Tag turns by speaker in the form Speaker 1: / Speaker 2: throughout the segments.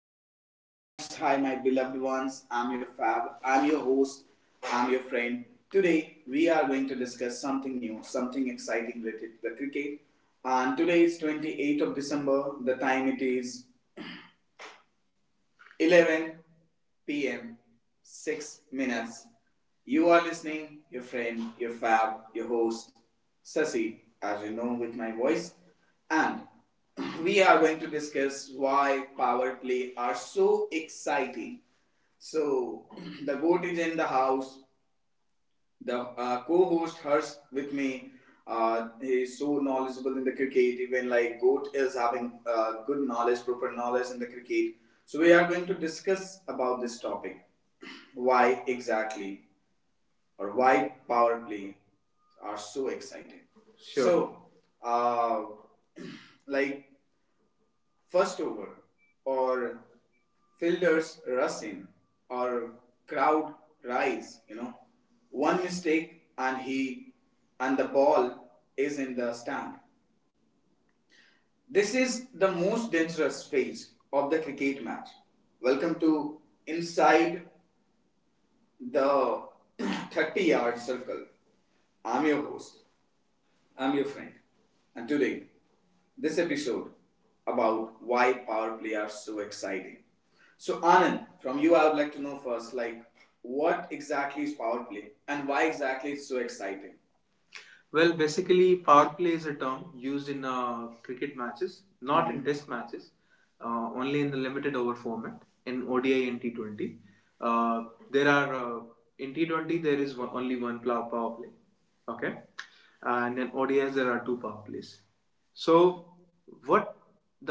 Speaker 1: listener. Hi, dear folks. Hi, my beloved ones. I'm your fab. I'm your host. I'm your friend. Today, we are going to discuss something new, something exciting related to the cricket. And today is 28th of December. The time it is 11 p.m. 6 minutes. You are listening, your friend, your fab, your host, Sasi, as you know with my voice. And we are going to discuss why power play are so exciting. So, the goat is in the house, the co-host Harsh with me. He's so knowledgeable in the cricket. Even like Goat is having good knowledge, proper knowledge in the cricket. So we are going to discuss about this topic. Why exactly, or why power play are so exciting? Sure. So, uh, like first over or fielders rush in or crowd rise, you know. One mistake and he and the ball is in the stand. This is the most dangerous phase of the cricket match. Welcome to Inside the 30 Yard Circle. I'm your host, I'm your friend, and today, this episode about why power play are so exciting. So, Anand, from you, I would like to know first, like, what exactly is power play, and why exactly it's so exciting? Well, basically, power play is a term used in cricket matches, not mm-hmm. in test matches, only in the limited over format in ODI and T20. Uh, there are in T20 there is only one power play, okay, and in ODIs there are two power plays. So what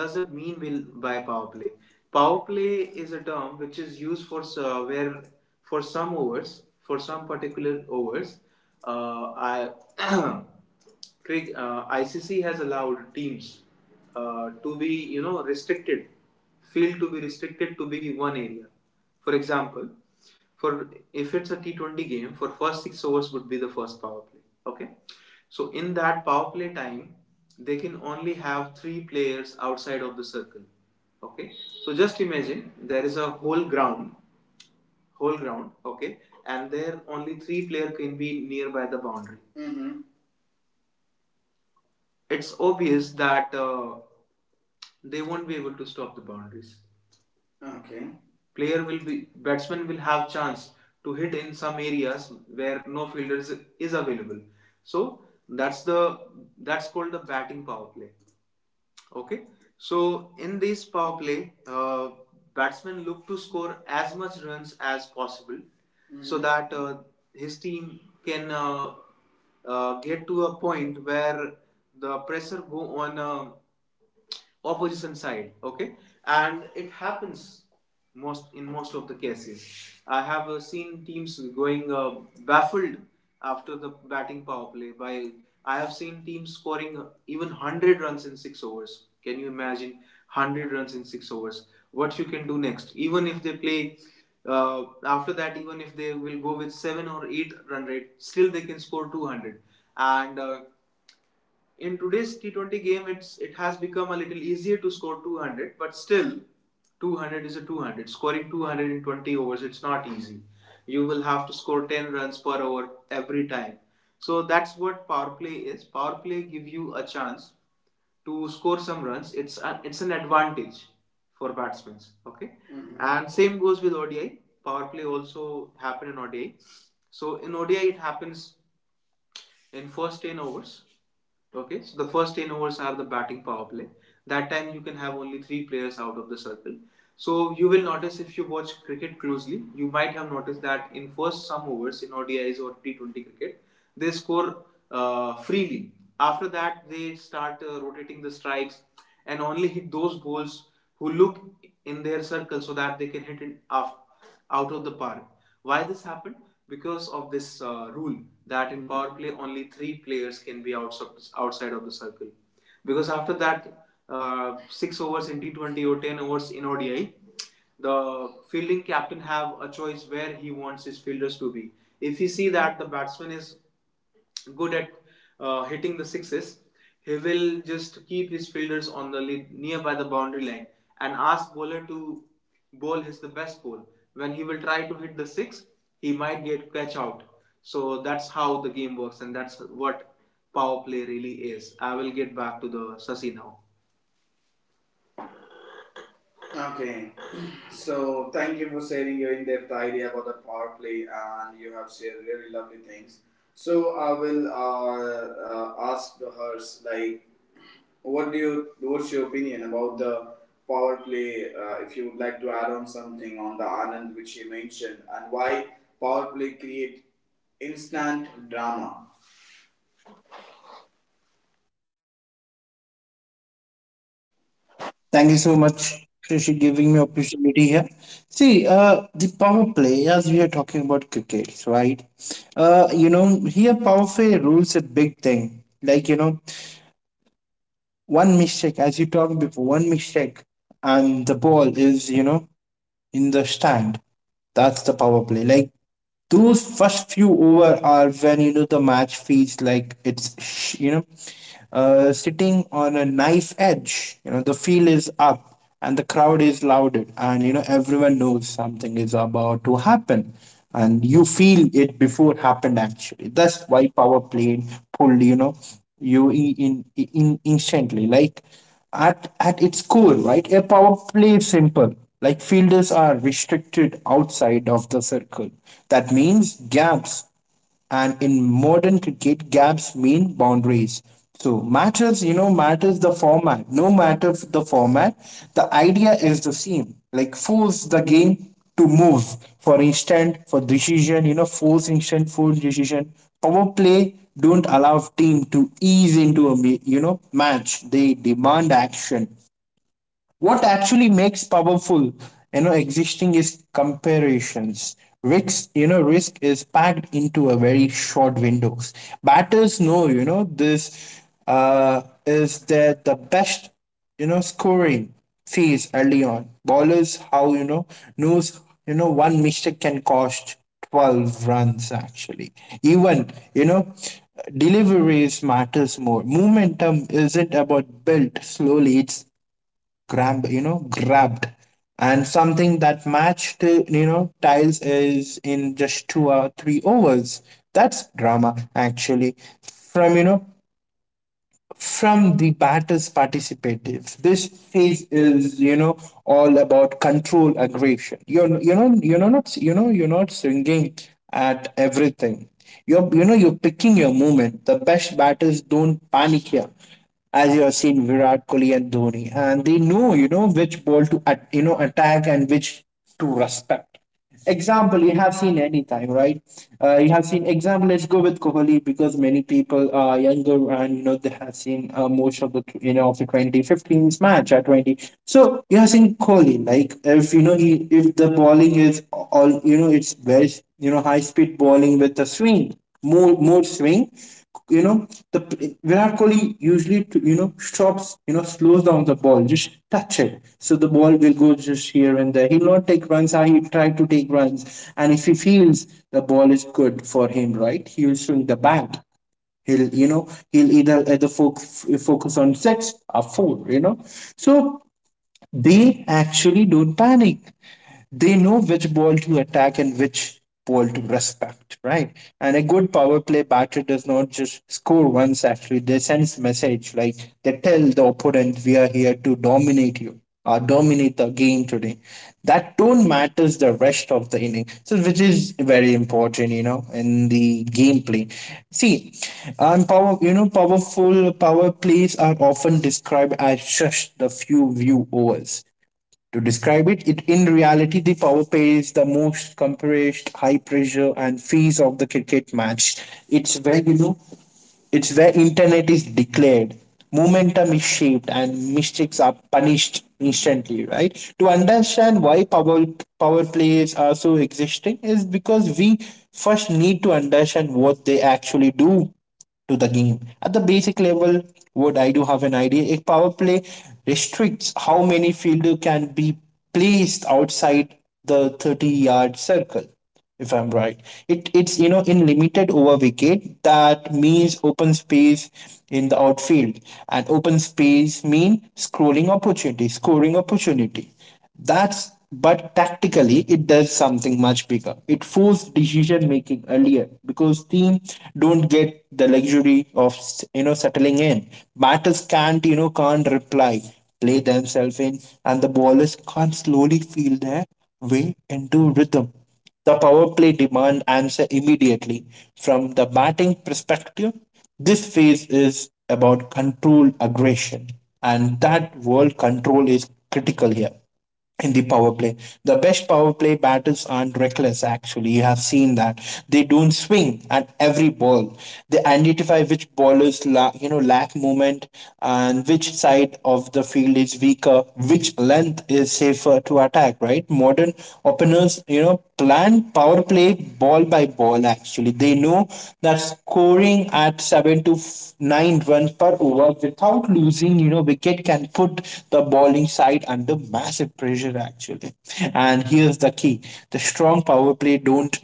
Speaker 1: does it mean by power play? Power play is a term which is used for where for some overs, for some particular overs, uh, I, ICC has allowed teams to be, you know, restricted, field to be restricted to be one area. For example, for if it's a T20 game, for first six overs would be the first power play. Okay, so in that power play time, they can only have three players outside of the circle. Okay, so just imagine there is a whole ground, whole ground. Okay, and there only three player can be nearby the boundary. Mm-hmm. It's obvious that they won't be able to stop the boundaries. Okay. Player will be batsman will have chance to hit in some areas where no fielder is available, so that's the that's called the batting power play. Okay, so in this power play, batsmen look to score as much runs as possible. Mm. So that his team can get to a point where the pressure go on opposition side. Okay, and it happens most in most of the cases. I have seen teams going baffled after the batting power play by I have seen teams scoring even 100 runs in 6 overs. Can you imagine 100 runs in 6 overs? What you can do next? Even if they play after that, even if they will go with 7 or 8 run rate, still they can score 200. And in today's T20 game, it has become a little easier to score 200, but still, 200 is a 200. Scoring 220 overs, it's not easy. You will have to score 10 runs per over every time. So that's what power play is. Power play give you a chance to score some runs. It's an advantage for batsmen. Okay, mhm, and same goes with ODI. Power play also happen in ODI. So in ODI, it happens in first 10 overs. Okay, so the first 10 overs are the batting power play. That time you can have only three players out of the circle. So you will notice if you watch cricket closely, you might have noticed that in first some overs in ODIs or T20 cricket, they score freely. After that, they start rotating the strikes and only hit those balls who look in their circle so that they can hit it off out of the park. Why this happened? Because of this rule that in power play only three players can be outside of the circle. Because after that, six overs in T20 or ten overs in ODI, the fielding captain have a choice where he wants his fielders to be. If he see that the batsman is good at hitting the sixes, he will just keep his fielders on the nearby the boundary line and ask bowler to bowl his the best ball. When he will try to hit the six, he might get catch out. So that's how the game works, and that's what power play really is. I will get back to the Sasi now. Okay, so thank you for sharing your in-depth idea about the power play, and you have shared really lovely things. So I will ask the hers, like, what's your opinion about the power play? If you would like to add on something on the Anand which she mentioned, and why power play create instant drama?
Speaker 2: Thank you so much, Shashi, giving me opportunity here. See, the power play, as we are talking about cricket, right? Here power play rules a big thing. Like, you know, one mistake, as you talked before, one mistake and the ball is, you know, in the stand. That's the power play. Like those first few over are when you know the match feels like it's sitting on a knife edge. You know the feel is up and the crowd is louded and you know everyone knows something is about to happen and you feel it before happened actually. That's why power play pulled you know you in instantly like at its core, right, a power play is simple. Like fielders are restricted outside of the circle. That means gaps. And in modern cricket, gaps mean boundaries. So matters, you know, matters the format. No matter the format, the idea is the same. Like force the game to move for instant for decision you know force instant force decision power play don't allow team to ease into a you know match. They demand action. What actually makes powerful you know existing is comparisons risk you know risk is packed into a very short windows. Batters know you know this is that the best you know scoring phase early on. Ballers how you know knows you know one mistake can cost 12 runs actually. Even you know deliveries matters more. Momentum isn't about built slowly, it's grabbed you know grabbed, and something that matched you know tiles is in just two or three overs. That's drama actually. From you know from the battle's participative. This phase is, you know, all about control aggression. You're, you know, you're not, you know, you're not swinging at everything. You're, you know, you're picking your movement. The best batters don't panic here, as you have seen Virat Kohli and Dhoni, and they know, you know, which ball to, at, you know, attack and which to respect. Example, you have seen anytime, right? You have seen example. Let's go with Kohli because many people are younger and you know they have seen most of the you know of the 2015's match at 20. So you have seen Kohli, like if you know he, if the bowling is all you know it's very you know high speed bowling with a swing, more swing. You know, the Virat Kohli usually to, you know stops, you know, slows down the ball, just touch it, so the ball will go just here and there. He'll not take runs. Ah, he try to take runs, and if he feels the ball is good for him, right, he will swing the bat. He'll you know he'll either focus on six or four. You know, so they actually don't panic. They know which ball to attack and which ball to respect, right? And a good power play batter does not just score once actually, they sends message like they tell the opponent we are here to dominate you or dominate the game today. That tone matters the rest of the inning. So which is very important, you know, in the gameplay. See, and power you know, powerful power plays are often described as just the few view overs. To describe it, it in reality the power play is the most compressed, high pressure and phase of the cricket match. It's where you know it's where internet is declared, momentum is shaped, and mistakes are punished instantly, right? To understand why power plays are so existing is because we first need to understand what they actually do to the game. At the basic level, what I do have an idea, a power play restricts how many fielder can be placed outside the 30-yard circle if I'm right. It's you know in limited over wicket that means open space in the outfield, and open space mean scrolling opportunity, scoring opportunity. That's but tactically it does something much bigger. It forces decision making earlier because team don't get the luxury of you know settling in. Batters can't you know can't reply, play themselves in, and the bowlers can't slowly feel their way into rhythm. The power play demand answer immediately. From the batting perspective, this phase is about control aggression, and that world control is critical here in the power play. The best power play batters aren't reckless, actually. You have seen that. They don't swing at every ball. They identify which ballers you know lack movement and which side of the field is weaker, which length is safer to attack, right? Modern openers, you know, planned power play ball by ball actually. They know that scoring at seven to nine runs per over without losing, you know, wicket can put the bowling side under massive pressure actually. And here's the key, the strong power play don't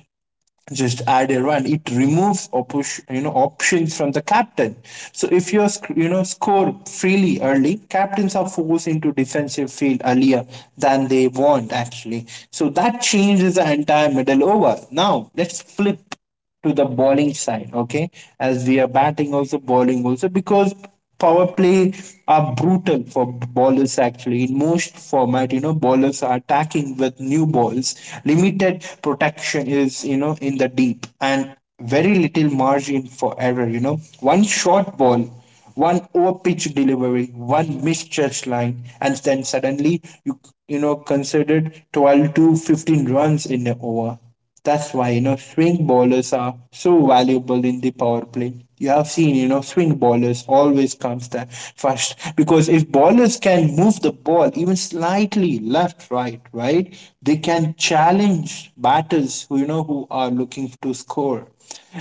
Speaker 2: just add a run, it removes you know options from the captain. So if you you know score freely early, captains are forced into defensive field earlier than they want actually. So that changes the entire middle over. Now let's flip to the bowling side, okay? As we are batting also, bowling also, because power play are brutal for bowlers actually. In most format, you know, bowlers are attacking with new balls. Limited protection is, you know, in the deep and very little margin for error, you know. One short ball, one overpitch delivery, one misjudged line, and then suddenly you know considered 12 to 15 runs in an over. That's why you know swing bowlers are so valuable in the power play. You have seen you know swing bowlers always comes there first because if bowlers can move the ball even slightly left right they can challenge batters who you know who are looking to score.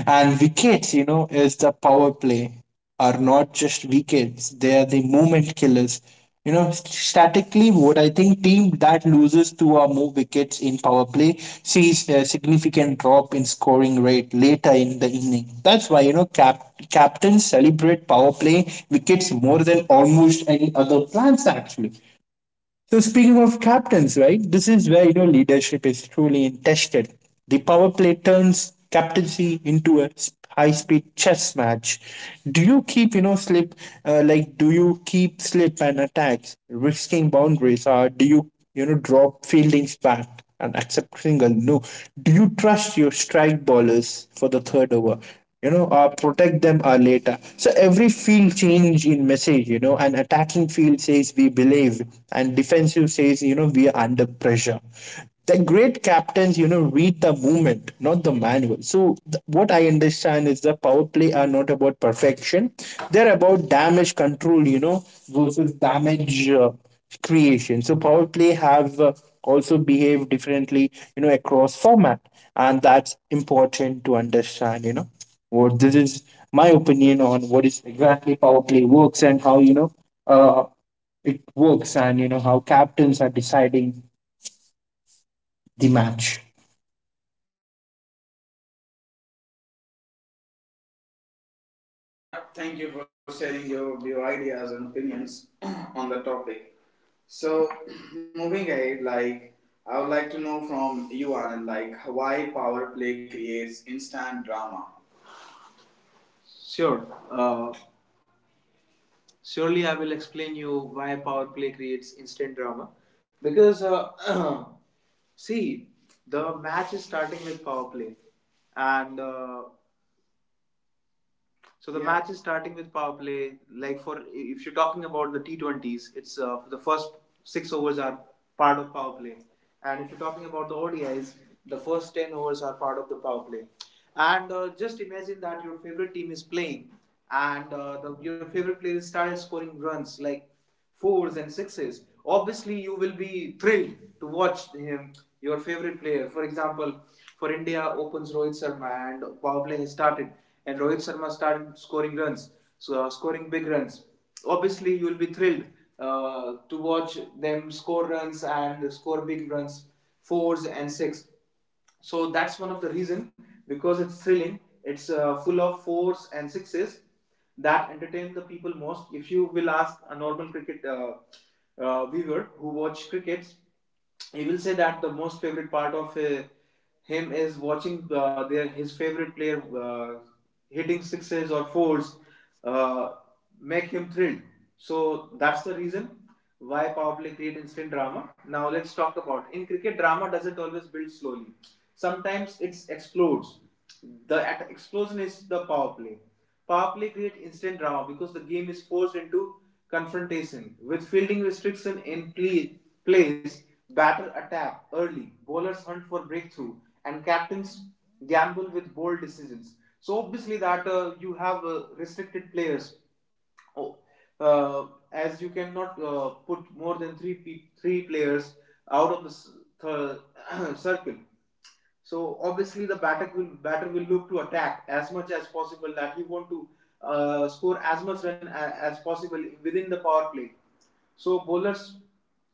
Speaker 2: And wickets, you know, is the power play are not just wickets, they are the moment killers. You know, statically, what I think team that loses two or more wickets in power play sees a significant drop in scoring rate later in the inning. That's why, you know, captains celebrate power play wickets more than almost any other plans, actually. So speaking of captains, right? This is where you know leadership is truly tested. The power play turns captaincy into a high-speed chess match. Do you keep you know slip like do you keep slip and attacks, risking boundaries, or do you you know, drop Fielding's back and accept single. No. Do you trust your strike ballers for the third over? You know, protect them later. So every field change in message, you know, and attacking field says we believe, and defensive says, you know, we are under pressure. The great captains, you know, read the movement, not the manual. So what I understand is the power play are not about perfection; they're about damage control, you know, versus damage creation. So Power Play have also behaved differently, you know, across format, and that's important to understand. You know, what this is my opinion on what is exactly Power Play works and how you know uh, it works, and you know how captains are deciding the match.
Speaker 1: Yeah, thank you for sharing your ideas and opinions on the topic. So, moving ahead, like I would like to know from you, Anand, like why power play creates instant drama. Sure. Uh, surely I will explain you why power play creates instant drama. Because, see, the match is starting with power play. And so the yeah match is starting with power play. Like for if you're talking about the T20s, it's the first six overs are part of power play, and if you're talking about the ODIs, the first ten overs are part of the power play. And just imagine that your favorite team is playing, and your favorite player started scoring runs like fours and sixes, obviously you will be thrilled to watch him, your favorite player. For example, for India opens Rohit Sharma and power play has started, and Rohit Sharma started scoring runs, so scoring big runs. Obviously, you will be thrilled to watch them score runs and score big runs, fours and six. So that's one of the reason, because it's thrilling, it's full of fours and sixes that entertain the people most. If you will ask a normal cricket viewer who watch crickets, he will say that the most favorite part of him is watching their his favorite player hitting sixes or fours uh, make him thrilled. So that's the reason why power play create instant drama. Now let's talk about in cricket drama doesn't always build slowly. Sometimes it explodes. The at explosion is the power play. Power play create instant drama because the game is forced into confrontation with fielding restriction in play, place. Batter attack early, bowlers hunt for breakthrough, and captains gamble with bold decisions. So obviously that you have restricted players. Oh, uh, as you cannot put more than three players out of the thir- circle. So obviously the batter will look to attack as much as possible. That he want to score as much as possible within the power play. So bowlers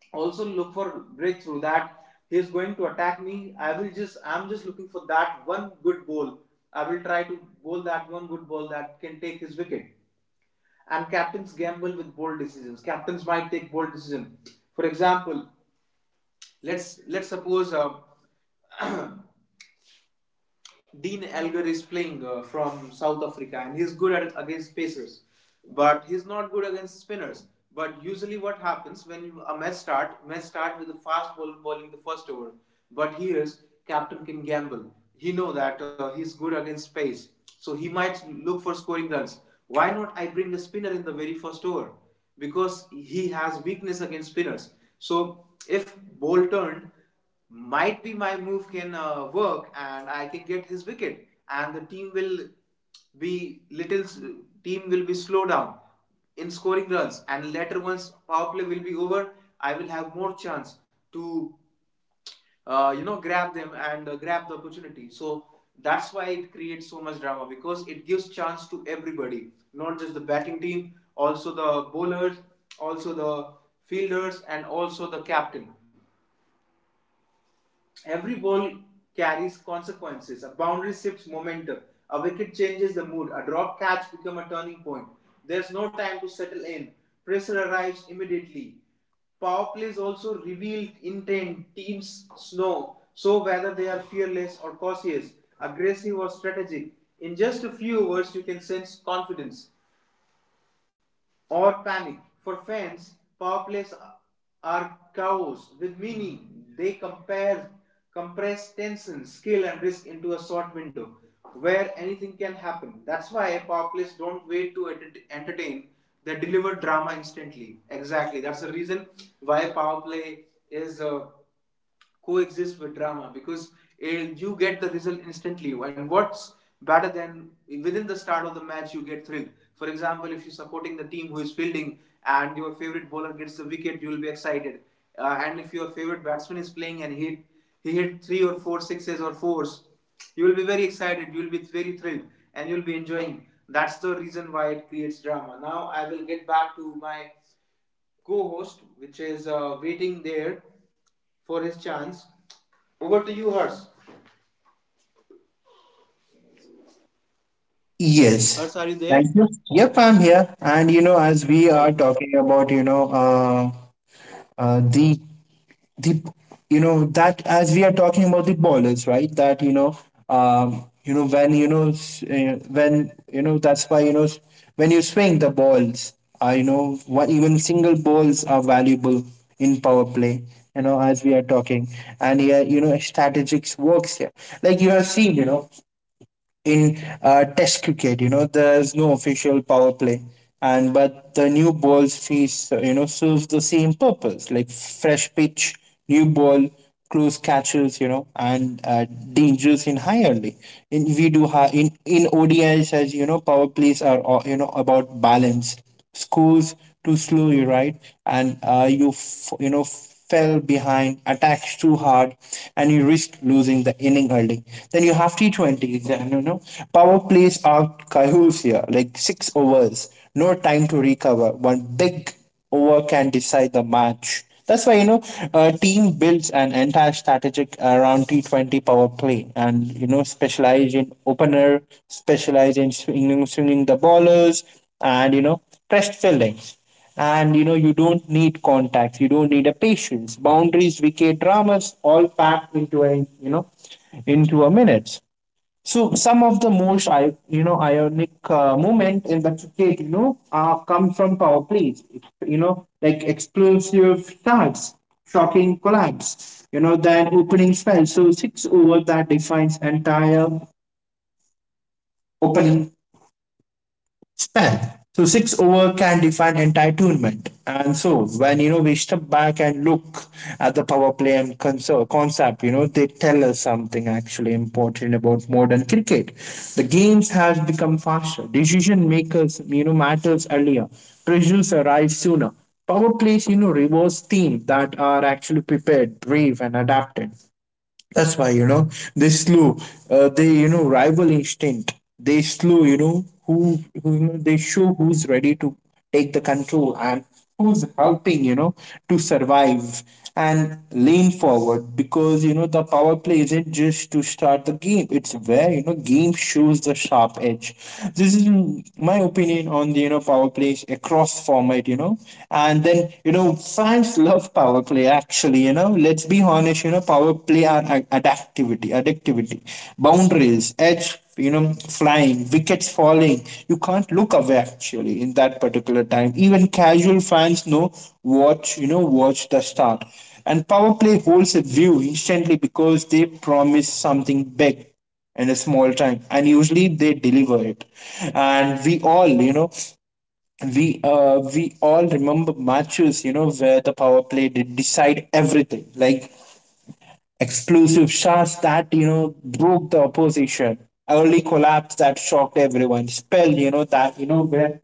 Speaker 1: also look for breakthrough. That he is going to attack me. I'm just looking for that one good ball. I will try to bowl that one good ball that can take his wicket. And captains gamble with bold decisions. Captains might take bold decision. For example, let's suppose, Dean Elgar is playing from South Africa, and he's good at against pacers, but he's not good against spinners. But usually, what happens when a match start? Match start with a fast ball bowling the first over. But here's captain can gamble. He know that he's good against pace, so he might look for scoring runs. Why not I bring a spinner in the very first over? Because he has weakness against spinners. So if ball turned, might be my move can work and I can get his wicket and the be little team will be slow down in scoring runs, and later once power play will be over I will have more chance to you know, grab them and grab the opportunity. So that's why it creates so much drama, because it gives chance to everybody, not just the batting team, also the bowlers, also the fielders, and also the captain. Every ball carries consequences. A boundary shifts momentum. A wicket changes the mood. A drop catch becomes a turning point. There's no time to settle in. Pressure arrives immediately. Power plays also reveal intent. Teams know so whether they are fearless or cautious, aggressive or strategic. In just a few words, you can sense confidence or panic. For fans, power plays are chaos with meaning. They compare compress tension, skill, and risk into a short window where anything can happen. That's why power plays don't wait to entertain. They deliver drama instantly. Exactly. That's the reason why power play is coexist with drama because you get the result instantly. And what's better than within the start of the match, you get thrilled. For example, if you're supporting the team who is fielding and your favorite bowler gets the wicket, you will be excited. And if your favorite batsman is playing and he hit three or four sixes or fours, you will be very excited. You will be very thrilled, and you will be enjoying. That's the reason why it creates drama. Now I will get back to my co-host, which is waiting there for his chance. Over to you, Hers.
Speaker 2: Yes.
Speaker 1: Hers, are you
Speaker 2: Thank
Speaker 1: there?
Speaker 2: you. Yep, I'm here. And you know, as we are
Speaker 1: Okay.
Speaker 2: talking about, you know, the the you know that as we are talking about the bowlers, right that you know when you know when you know that's why you know when you swing the balls you know what even single balls are valuable in power play you know as we are talking. And here you know strategics works here, like you have seen you know in test cricket you know there's no official power play, and but the new balls fees you know serves the same purpose, like fresh pitch, new ball, close catches you know and dangers in high early in we do high in ODIs as you know power plays are you know about balance. Schools too slow you right, and you you know fell behind attacks too hard and you risk losing the inning early. Then you have T20 exam you know power plays out kahoos here like 6 overs, no time to recover. One big over can decide the match. That's why you know a team builds an entire strategic around T20 power play, and you know specialize in opener, specialize in swinging, the ballers, and you know stressed feelings, and you know you don't need contacts, you don't need a patience boundaries vk dramas all packed into a you know into a minute. So some of the most I you know ionic moment in the cricket you know are come from power plays you know, like explosive starts, shocking collapse you know, then opening spell, so six over that defines entire opening span. So six over can define entire tournament. And so when you know we step back and look at the power play and concept, you know they tell us something actually important about modern cricket. The games has become faster. Decision makers, you know, matters earlier. Pressures arrive sooner. Power plays, you know, rewards teams that are actually prepared, brave, and adapted. That's why, you know, they slew, they, you know, rival instinct. They slew, you know, who you know, they show who's ready to take the control and who's helping, you know, to survive and lean forward because, you know, the power play isn't just to start the game. It's where, you know, game shows the sharp edge. This is my opinion on the, you know, power plays across format, you know, and then, you know, final fans love power play actually. You know let's be honest, you know power play are adaptivity addictivity boundaries edge, you know flying wickets falling, you can't look away actually in that particular time. Even casual fans know watch you know watch the start, and power play holds a view instantly because they promise something big in a small time and usually they deliver it. And we all you know we all remember matches you know where the power play did decide everything, like exclusive shots that you know broke the opposition, early collapse that shocked everyone, spell you know that you know where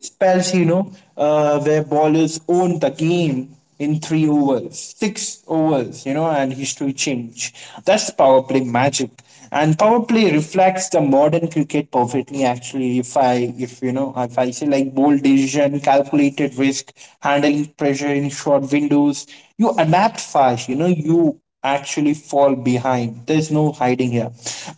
Speaker 2: spells, you know, where bowlers own the game in 3 overs, 6 overs, you know, and history change. That's power play magic. And power play reflects the modern cricket perfectly. Actually, if I, if you know, if I say like bold decision, calculated risk, handling pressure in short windows, you adapt fast. You know, you actually fall behind. There's no hiding here.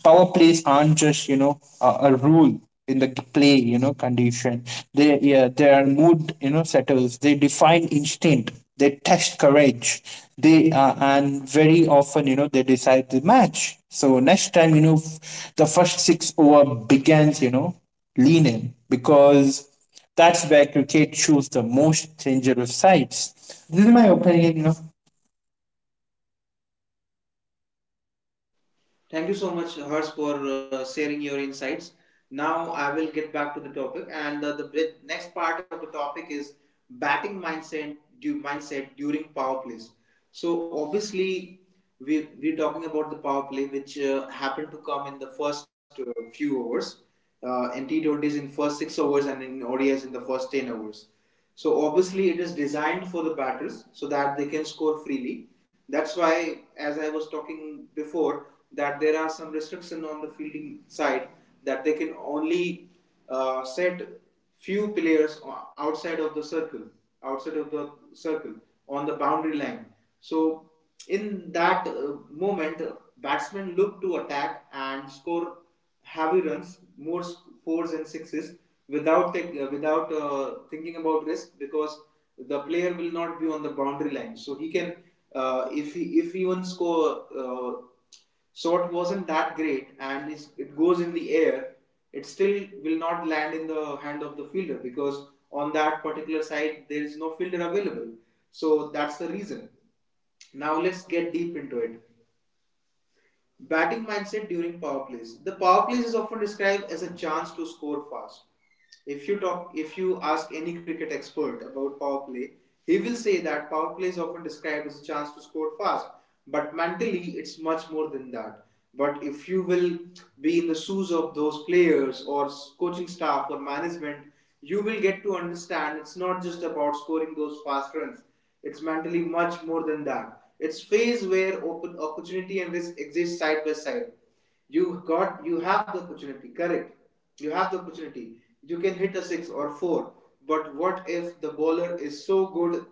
Speaker 2: Power plays aren't just you know a rule in the play you know condition, they yeah their mood you know settles, they define instinct, they test courage, they and very often you know they decide the match. So next time you know the first 6 over begins you know lean in because that's where cricket shows the most dangerous sides. This is my opinion you know
Speaker 1: Thank you so much, Hers, for sharing your insights. Now I will get back to the topic, and next part of the topic is batting mindset, mindset during power plays. So obviously, we're talking about the power play, which happened to come in the first few overs, in T20s in first six overs, and in ODIs in the first ten overs. So obviously it is designed for the batters so that they can score freely. That's why, as I was talking before, that there are some restriction on the fielding side that they can only set few players outside of the circle, outside of the circle on the boundary line. So in that moment, batsmen look to attack and score heavy runs, more fours and sixes without thinking about risk because the player will not be on the boundary line. So he can if even score shot wasn't that great and it goes in the air, it still will not land in the hand of the fielder because on that particular side there is no fielder available. So that's the reason. Now let's get deep into it. Batting mindset during power plays. The power plays is often described as a chance to score fast. If you ask any cricket expert about power play, he will say that power play is often described as a chance to score fast. But mentally, it's much more than that. But if you will be in the shoes of those players or coaching staff or management, you will get to understand it's not just about scoring those fast runs. It's mentally much more than that. It's phase where open opportunity and risk exist side by side. You have the opportunity, correct? You have the opportunity. You can hit a six or four. But what if the bowler is so good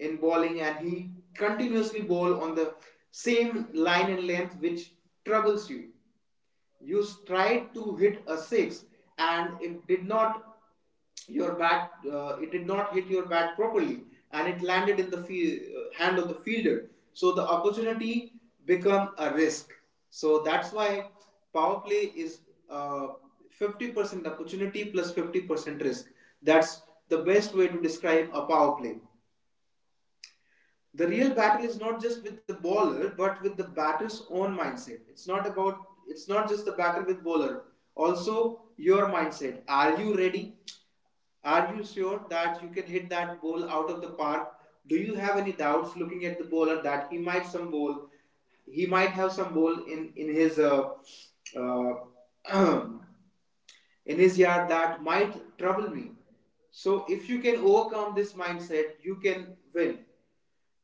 Speaker 1: in bowling and he continuously bowl on the same line and length which troubles you? You tried to hit a six and it did not, your bat, it did not hit your bat properly and it landed in the field, hand of the fielder. So the opportunity become a risk. So that's why power play is uh, 50% opportunity, 50% risk. That's the best way to describe a power play. The real battle is not just with the bowler but with the batter's own mindset. It's not just the battle with bowler, also your mindset. Are you ready? Are you sure that you can hit that ball out of the park? Do you have any doubts looking at the bowler that he might have some ball in his uh, in his yard that might trouble me? So if you can overcome this mindset, you can win.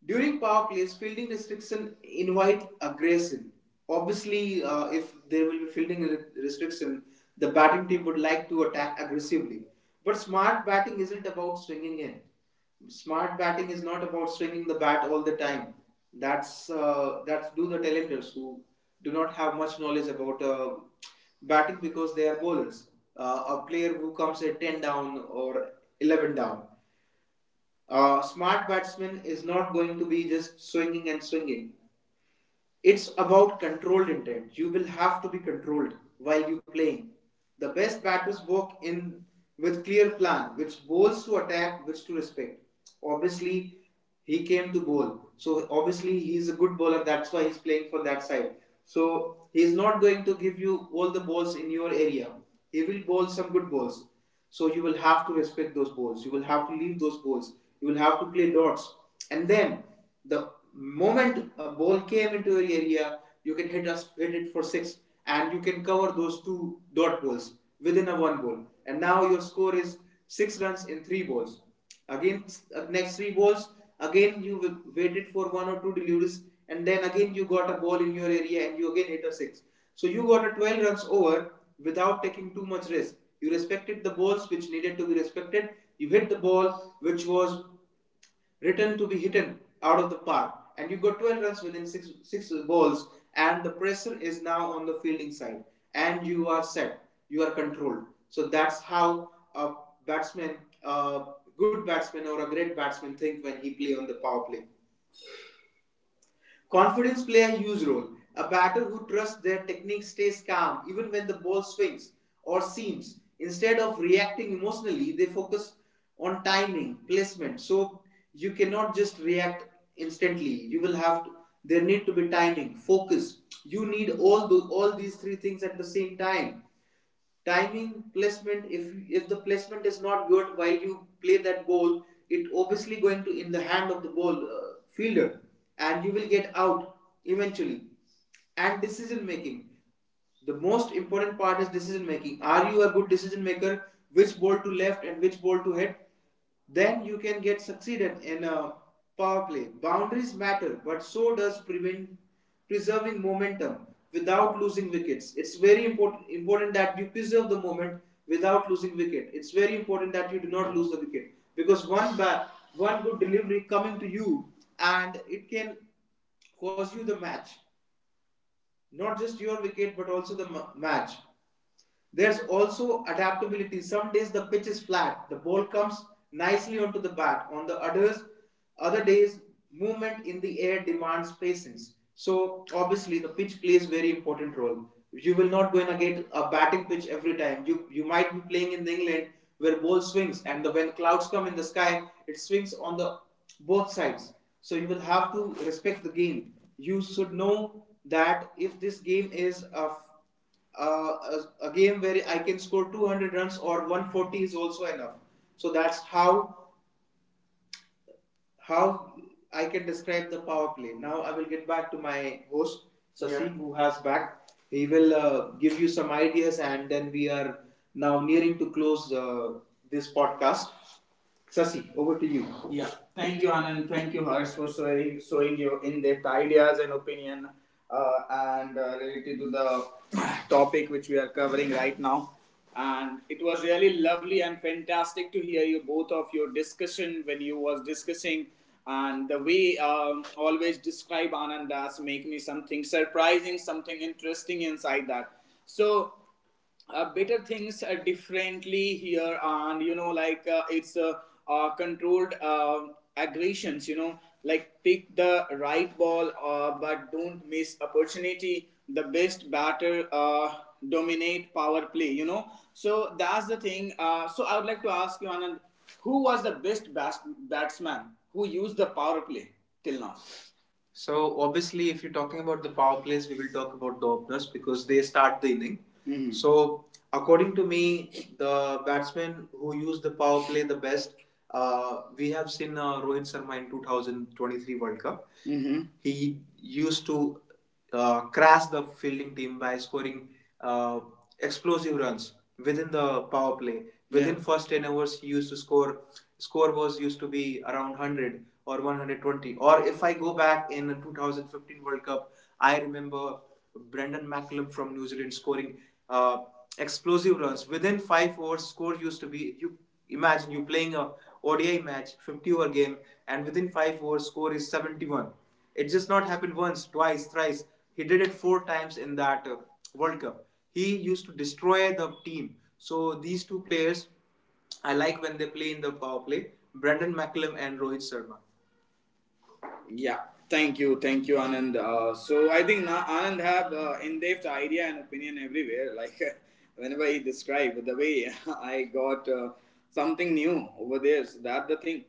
Speaker 1: During power plays, fielding restriction invite aggression. Obviously, if there will be restriction, the batting team would like to attack aggressively. But smart batting isn't about swinging in. Smart batting is not about swinging the bat all the time. That's do the tailenders who do not have much knowledge about batting because they are bowlers. A player who comes at ten down or eleven down, a smart batsman is not going to be just swinging and swinging. It's about controlled intent. You will have to be controlled while you playing. The best batters walk in with clear plan, which bowls to attack, which to respect. Obviously, he came to bowl, so obviously he is a good bowler. That's why he's playing for that side. So he is not going to give you all the balls in your area. He will bowl some good balls. So you will have to respect those balls. You will have to leave those balls. You will have to play dots. And then the moment a ball came into your area, you can hit it for six, and you can cover those two dot balls within a one ball. And now your score is six runs in three balls. Again, next three balls, again you waited for one or two deliveries, and then again you got a ball in your area and you again hit a six. So you got a 12 runs over without taking too much risk. You respected the balls which needed to be respected. You hit the ball which was written to be hidden out of the park, and you got 12 runs within six balls, and the pressure is now on the fielding side, and you are set, you are controlled. So that's how a batsman, a good batsman or a great batsman, think when he play on the power play. Confidence plays a huge role. A batter who trusts their technique stays calm even when the ball swings or seams. Instead of reacting emotionally, they focus on timing, placement. So you cannot just react instantly. You will have to, there need to be timing, focus. You need all these three things at the same time, timing, placement. If the placement is not good while you play that ball, it obviously going to in the hand of the ball fielder and you will get out eventually. And decision making, the most important part is decision making. Are you a good decision maker? Which ball to left and which ball to hit? Then you can get succeeded in a power play. Boundaries matter, but so does prevent preserving momentum without losing wickets. It's very important that you preserve the moment without losing wicket. It's very important that you do not lose the wicket because one good delivery coming to you, and it can cause you the match, not just your wicket but also the match. There's also adaptability. Some days the pitch is flat, the ball comes nicely onto the bat. Other days, movement in the air demands patience. So obviously, the pitch plays very important role. You will not go and get a batting pitch every time. You might be playing in England where ball swings, and when clouds come in the sky, it swings on the both sides. So you will have to respect the game. You should know that if this game is a game where I can score 200 runs or 140 is also enough. So that's how I can describe the power play. Now I will get back to my host Sasi, yeah, who has back. He will give you some ideas, and then we are now nearing to close this podcast. Sasi, over to you. Yeah, thank you, Anand. Thank you, Harsh, for showing your in depth ideas and opinion and related to the topic which we are covering right now. And it was really lovely and fantastic to hear you both of your discussion when you was discussing, and the way always describe Anand as make me something surprising, something interesting inside that. So better things differently here and you know like it's controlled aggressions, you know, like pick the right ball, but don't miss opportunity, the best batter dominate power play, you know. So that's the thing. So I would like to ask you, Anand, who was the batsman who used the power play till now? So obviously, if you're talking about the power plays, we will talk about the openers because they start the inning. Mhm. So according to me, the batsmen who use the power play the best, we have seen Rohit Sharma in 2023 World Cup. Mm-hmm. He used to crash the fielding team by scoring uh, explosive runs within the power play. Within, yeah, first ten overs, he used to score. Score was used to be around 100 or 120. Or if I go back in the 2015 World Cup, I remember Brendan McCullum from New Zealand scoring uh, explosive runs within 5 overs. Score used to be you imagine you playing a ODI match, 50 over game, and within 5 overs score is 71. It just not happened once, twice, thrice. He did it 4 times in that World Cup. He used to destroy the team. So these two players, I like when they play in the power play. Brendan McCullum and Rohit Sharma. Yeah, thank you, Anand. So I think Anand have in-depth idea and opinion everywhere. Like whenever he described the way I got something new over there, so that the thing.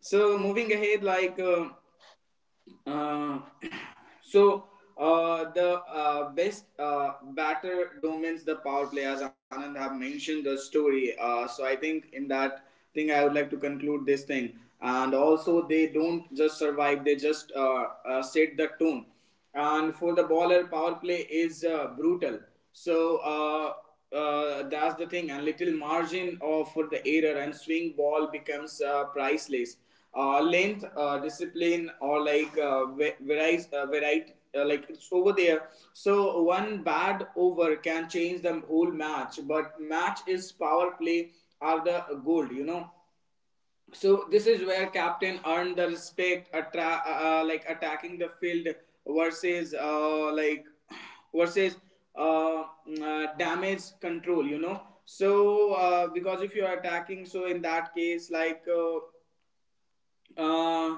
Speaker 1: So moving ahead, like. Uh, so the best batter dominates the power play as Anand have mentioned the story. So I think in that thing I would like to conclude this thing. And also they don't just survive; they just set the tone. And for the bowler, power play is brutal. So that's the thing. And little margin of for the error and swing ball becomes priceless length, discipline, or like variety, like it's over there. So one bad over can change the whole match, but match is power play are the gold, you know. So this is where captain earned the respect, like attacking the field versus like versus damage control, you know. So because if you are attacking, so in that case, like. Uh,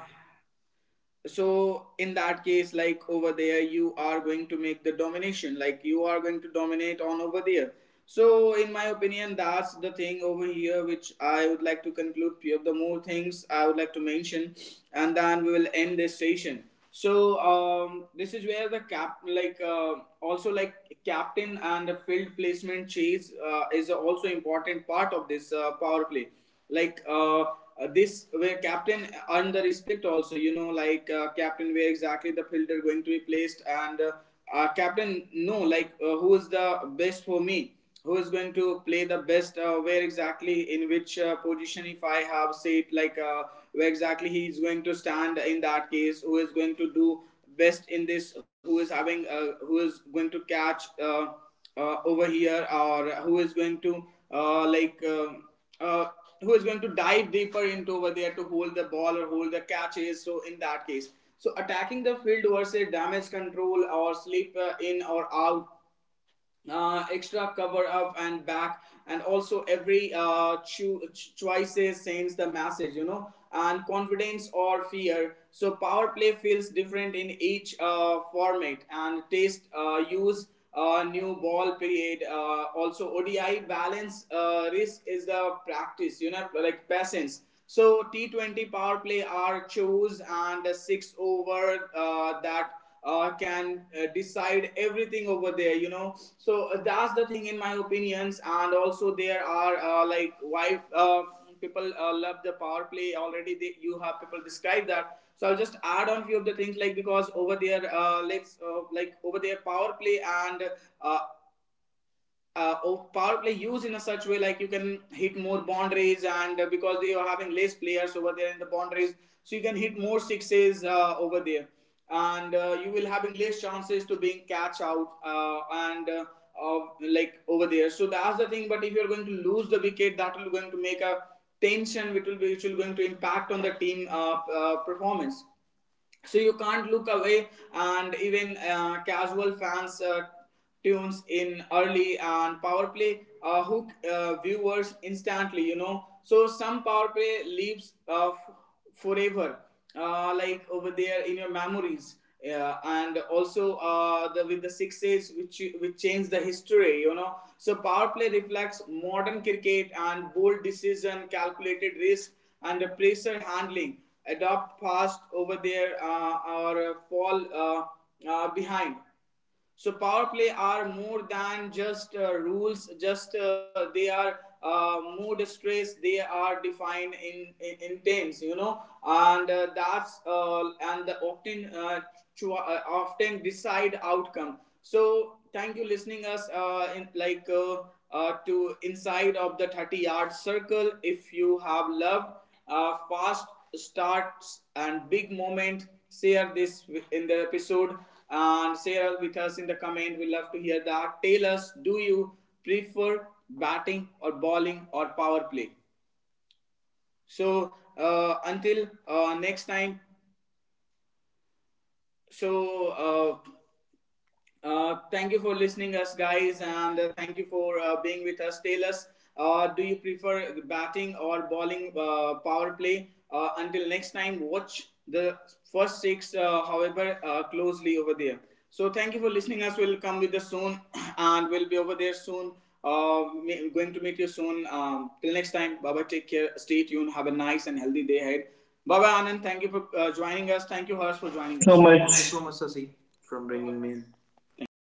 Speaker 1: so in that case like over there you are going to make the domination like you are going to dominate on over there, so in my opinion that's the thing over here which I would like to conclude. Few of the more things I would like to mention and then we will end this session. So this is where the cap, also like captain and the field placement chase is also important part of this power play. like uh, uh, this where captain earned the respect also, you know. Captain where exactly the fielder going to be placed, and captain, no, who is the best for me, who is going to play the best, where exactly, in which position, if I have said, where exactly he is going to stand, in that case who is going to do best in this, who is having who is going to catch, over here, or who is going to uh, like uh, uh, who is going to dive deeper into over there to hold the ball or hold the catches. So in that case, so attacking the field versus damage control, or slip in or out, extra cover up and back. And also every choices sends the message, you know, and confidence or fear. So power play feels different in each format and taste, use, new ball period, also ODI balance, risk is the practice, you know, like patience. So T20 power play are choose, and the 6 over, that can decide everything over there, you know. So that's the thing in my opinions. And also there are, like why people love the power play already, they, you have people describe that, so I'll just add on few of the things. Like, because over there, let's like over there power play, and uh, of power play used in a such way, like you can hit more boundaries, and because they are having less players over there in the boundaries, so you can hit more sixes over there. And you will having less chances to being catch out and uh, like Over there, so that's the thing. But if you're going to lose the wicket, that will going to make a tension, which will going to impact on the team performance. So you can't look away. And even casual fans tunes in early, and power play hook viewers instantly, you know. So some power play lives, forever, like over there in your memories, yeah. And also the with the sixes which changed the history, you know. So power play reflects modern cricket and bold decision, calculated risk, and the pressure handling. Adopt fast over there or fall uh, behind. So power play are more than just rules. Just they are mood stress. They are defined in intents, you know, and that's and the often, often decide outcome. So thank you listening us, in like to inside of the 30-yard circle. If you have loved fast starts and big moment, share this in the episode and share with us in the comment. We love to hear that. Tell us, do you prefer batting or bowling or power play? So until next time. So. Uh, Thank you for listening us, guys, and thank you for being with us. Tell us, do you prefer batting or bowling power play? Until next time, watch the first six, however, closely over there. So thank you for listening us. We'll come with us soon, and we'll be over there soon. Uh, Going to meet you soon. Till next time, bye bye. Take care. Stay tuned. Have a nice and healthy day ahead. Bye bye, Anand. Thank you for joining us. Thank you, Harsh, for
Speaker 2: thank you
Speaker 1: joining
Speaker 2: so
Speaker 1: us. Thank you
Speaker 2: much
Speaker 1: so much, Sasi, for bringing me in. Thank you.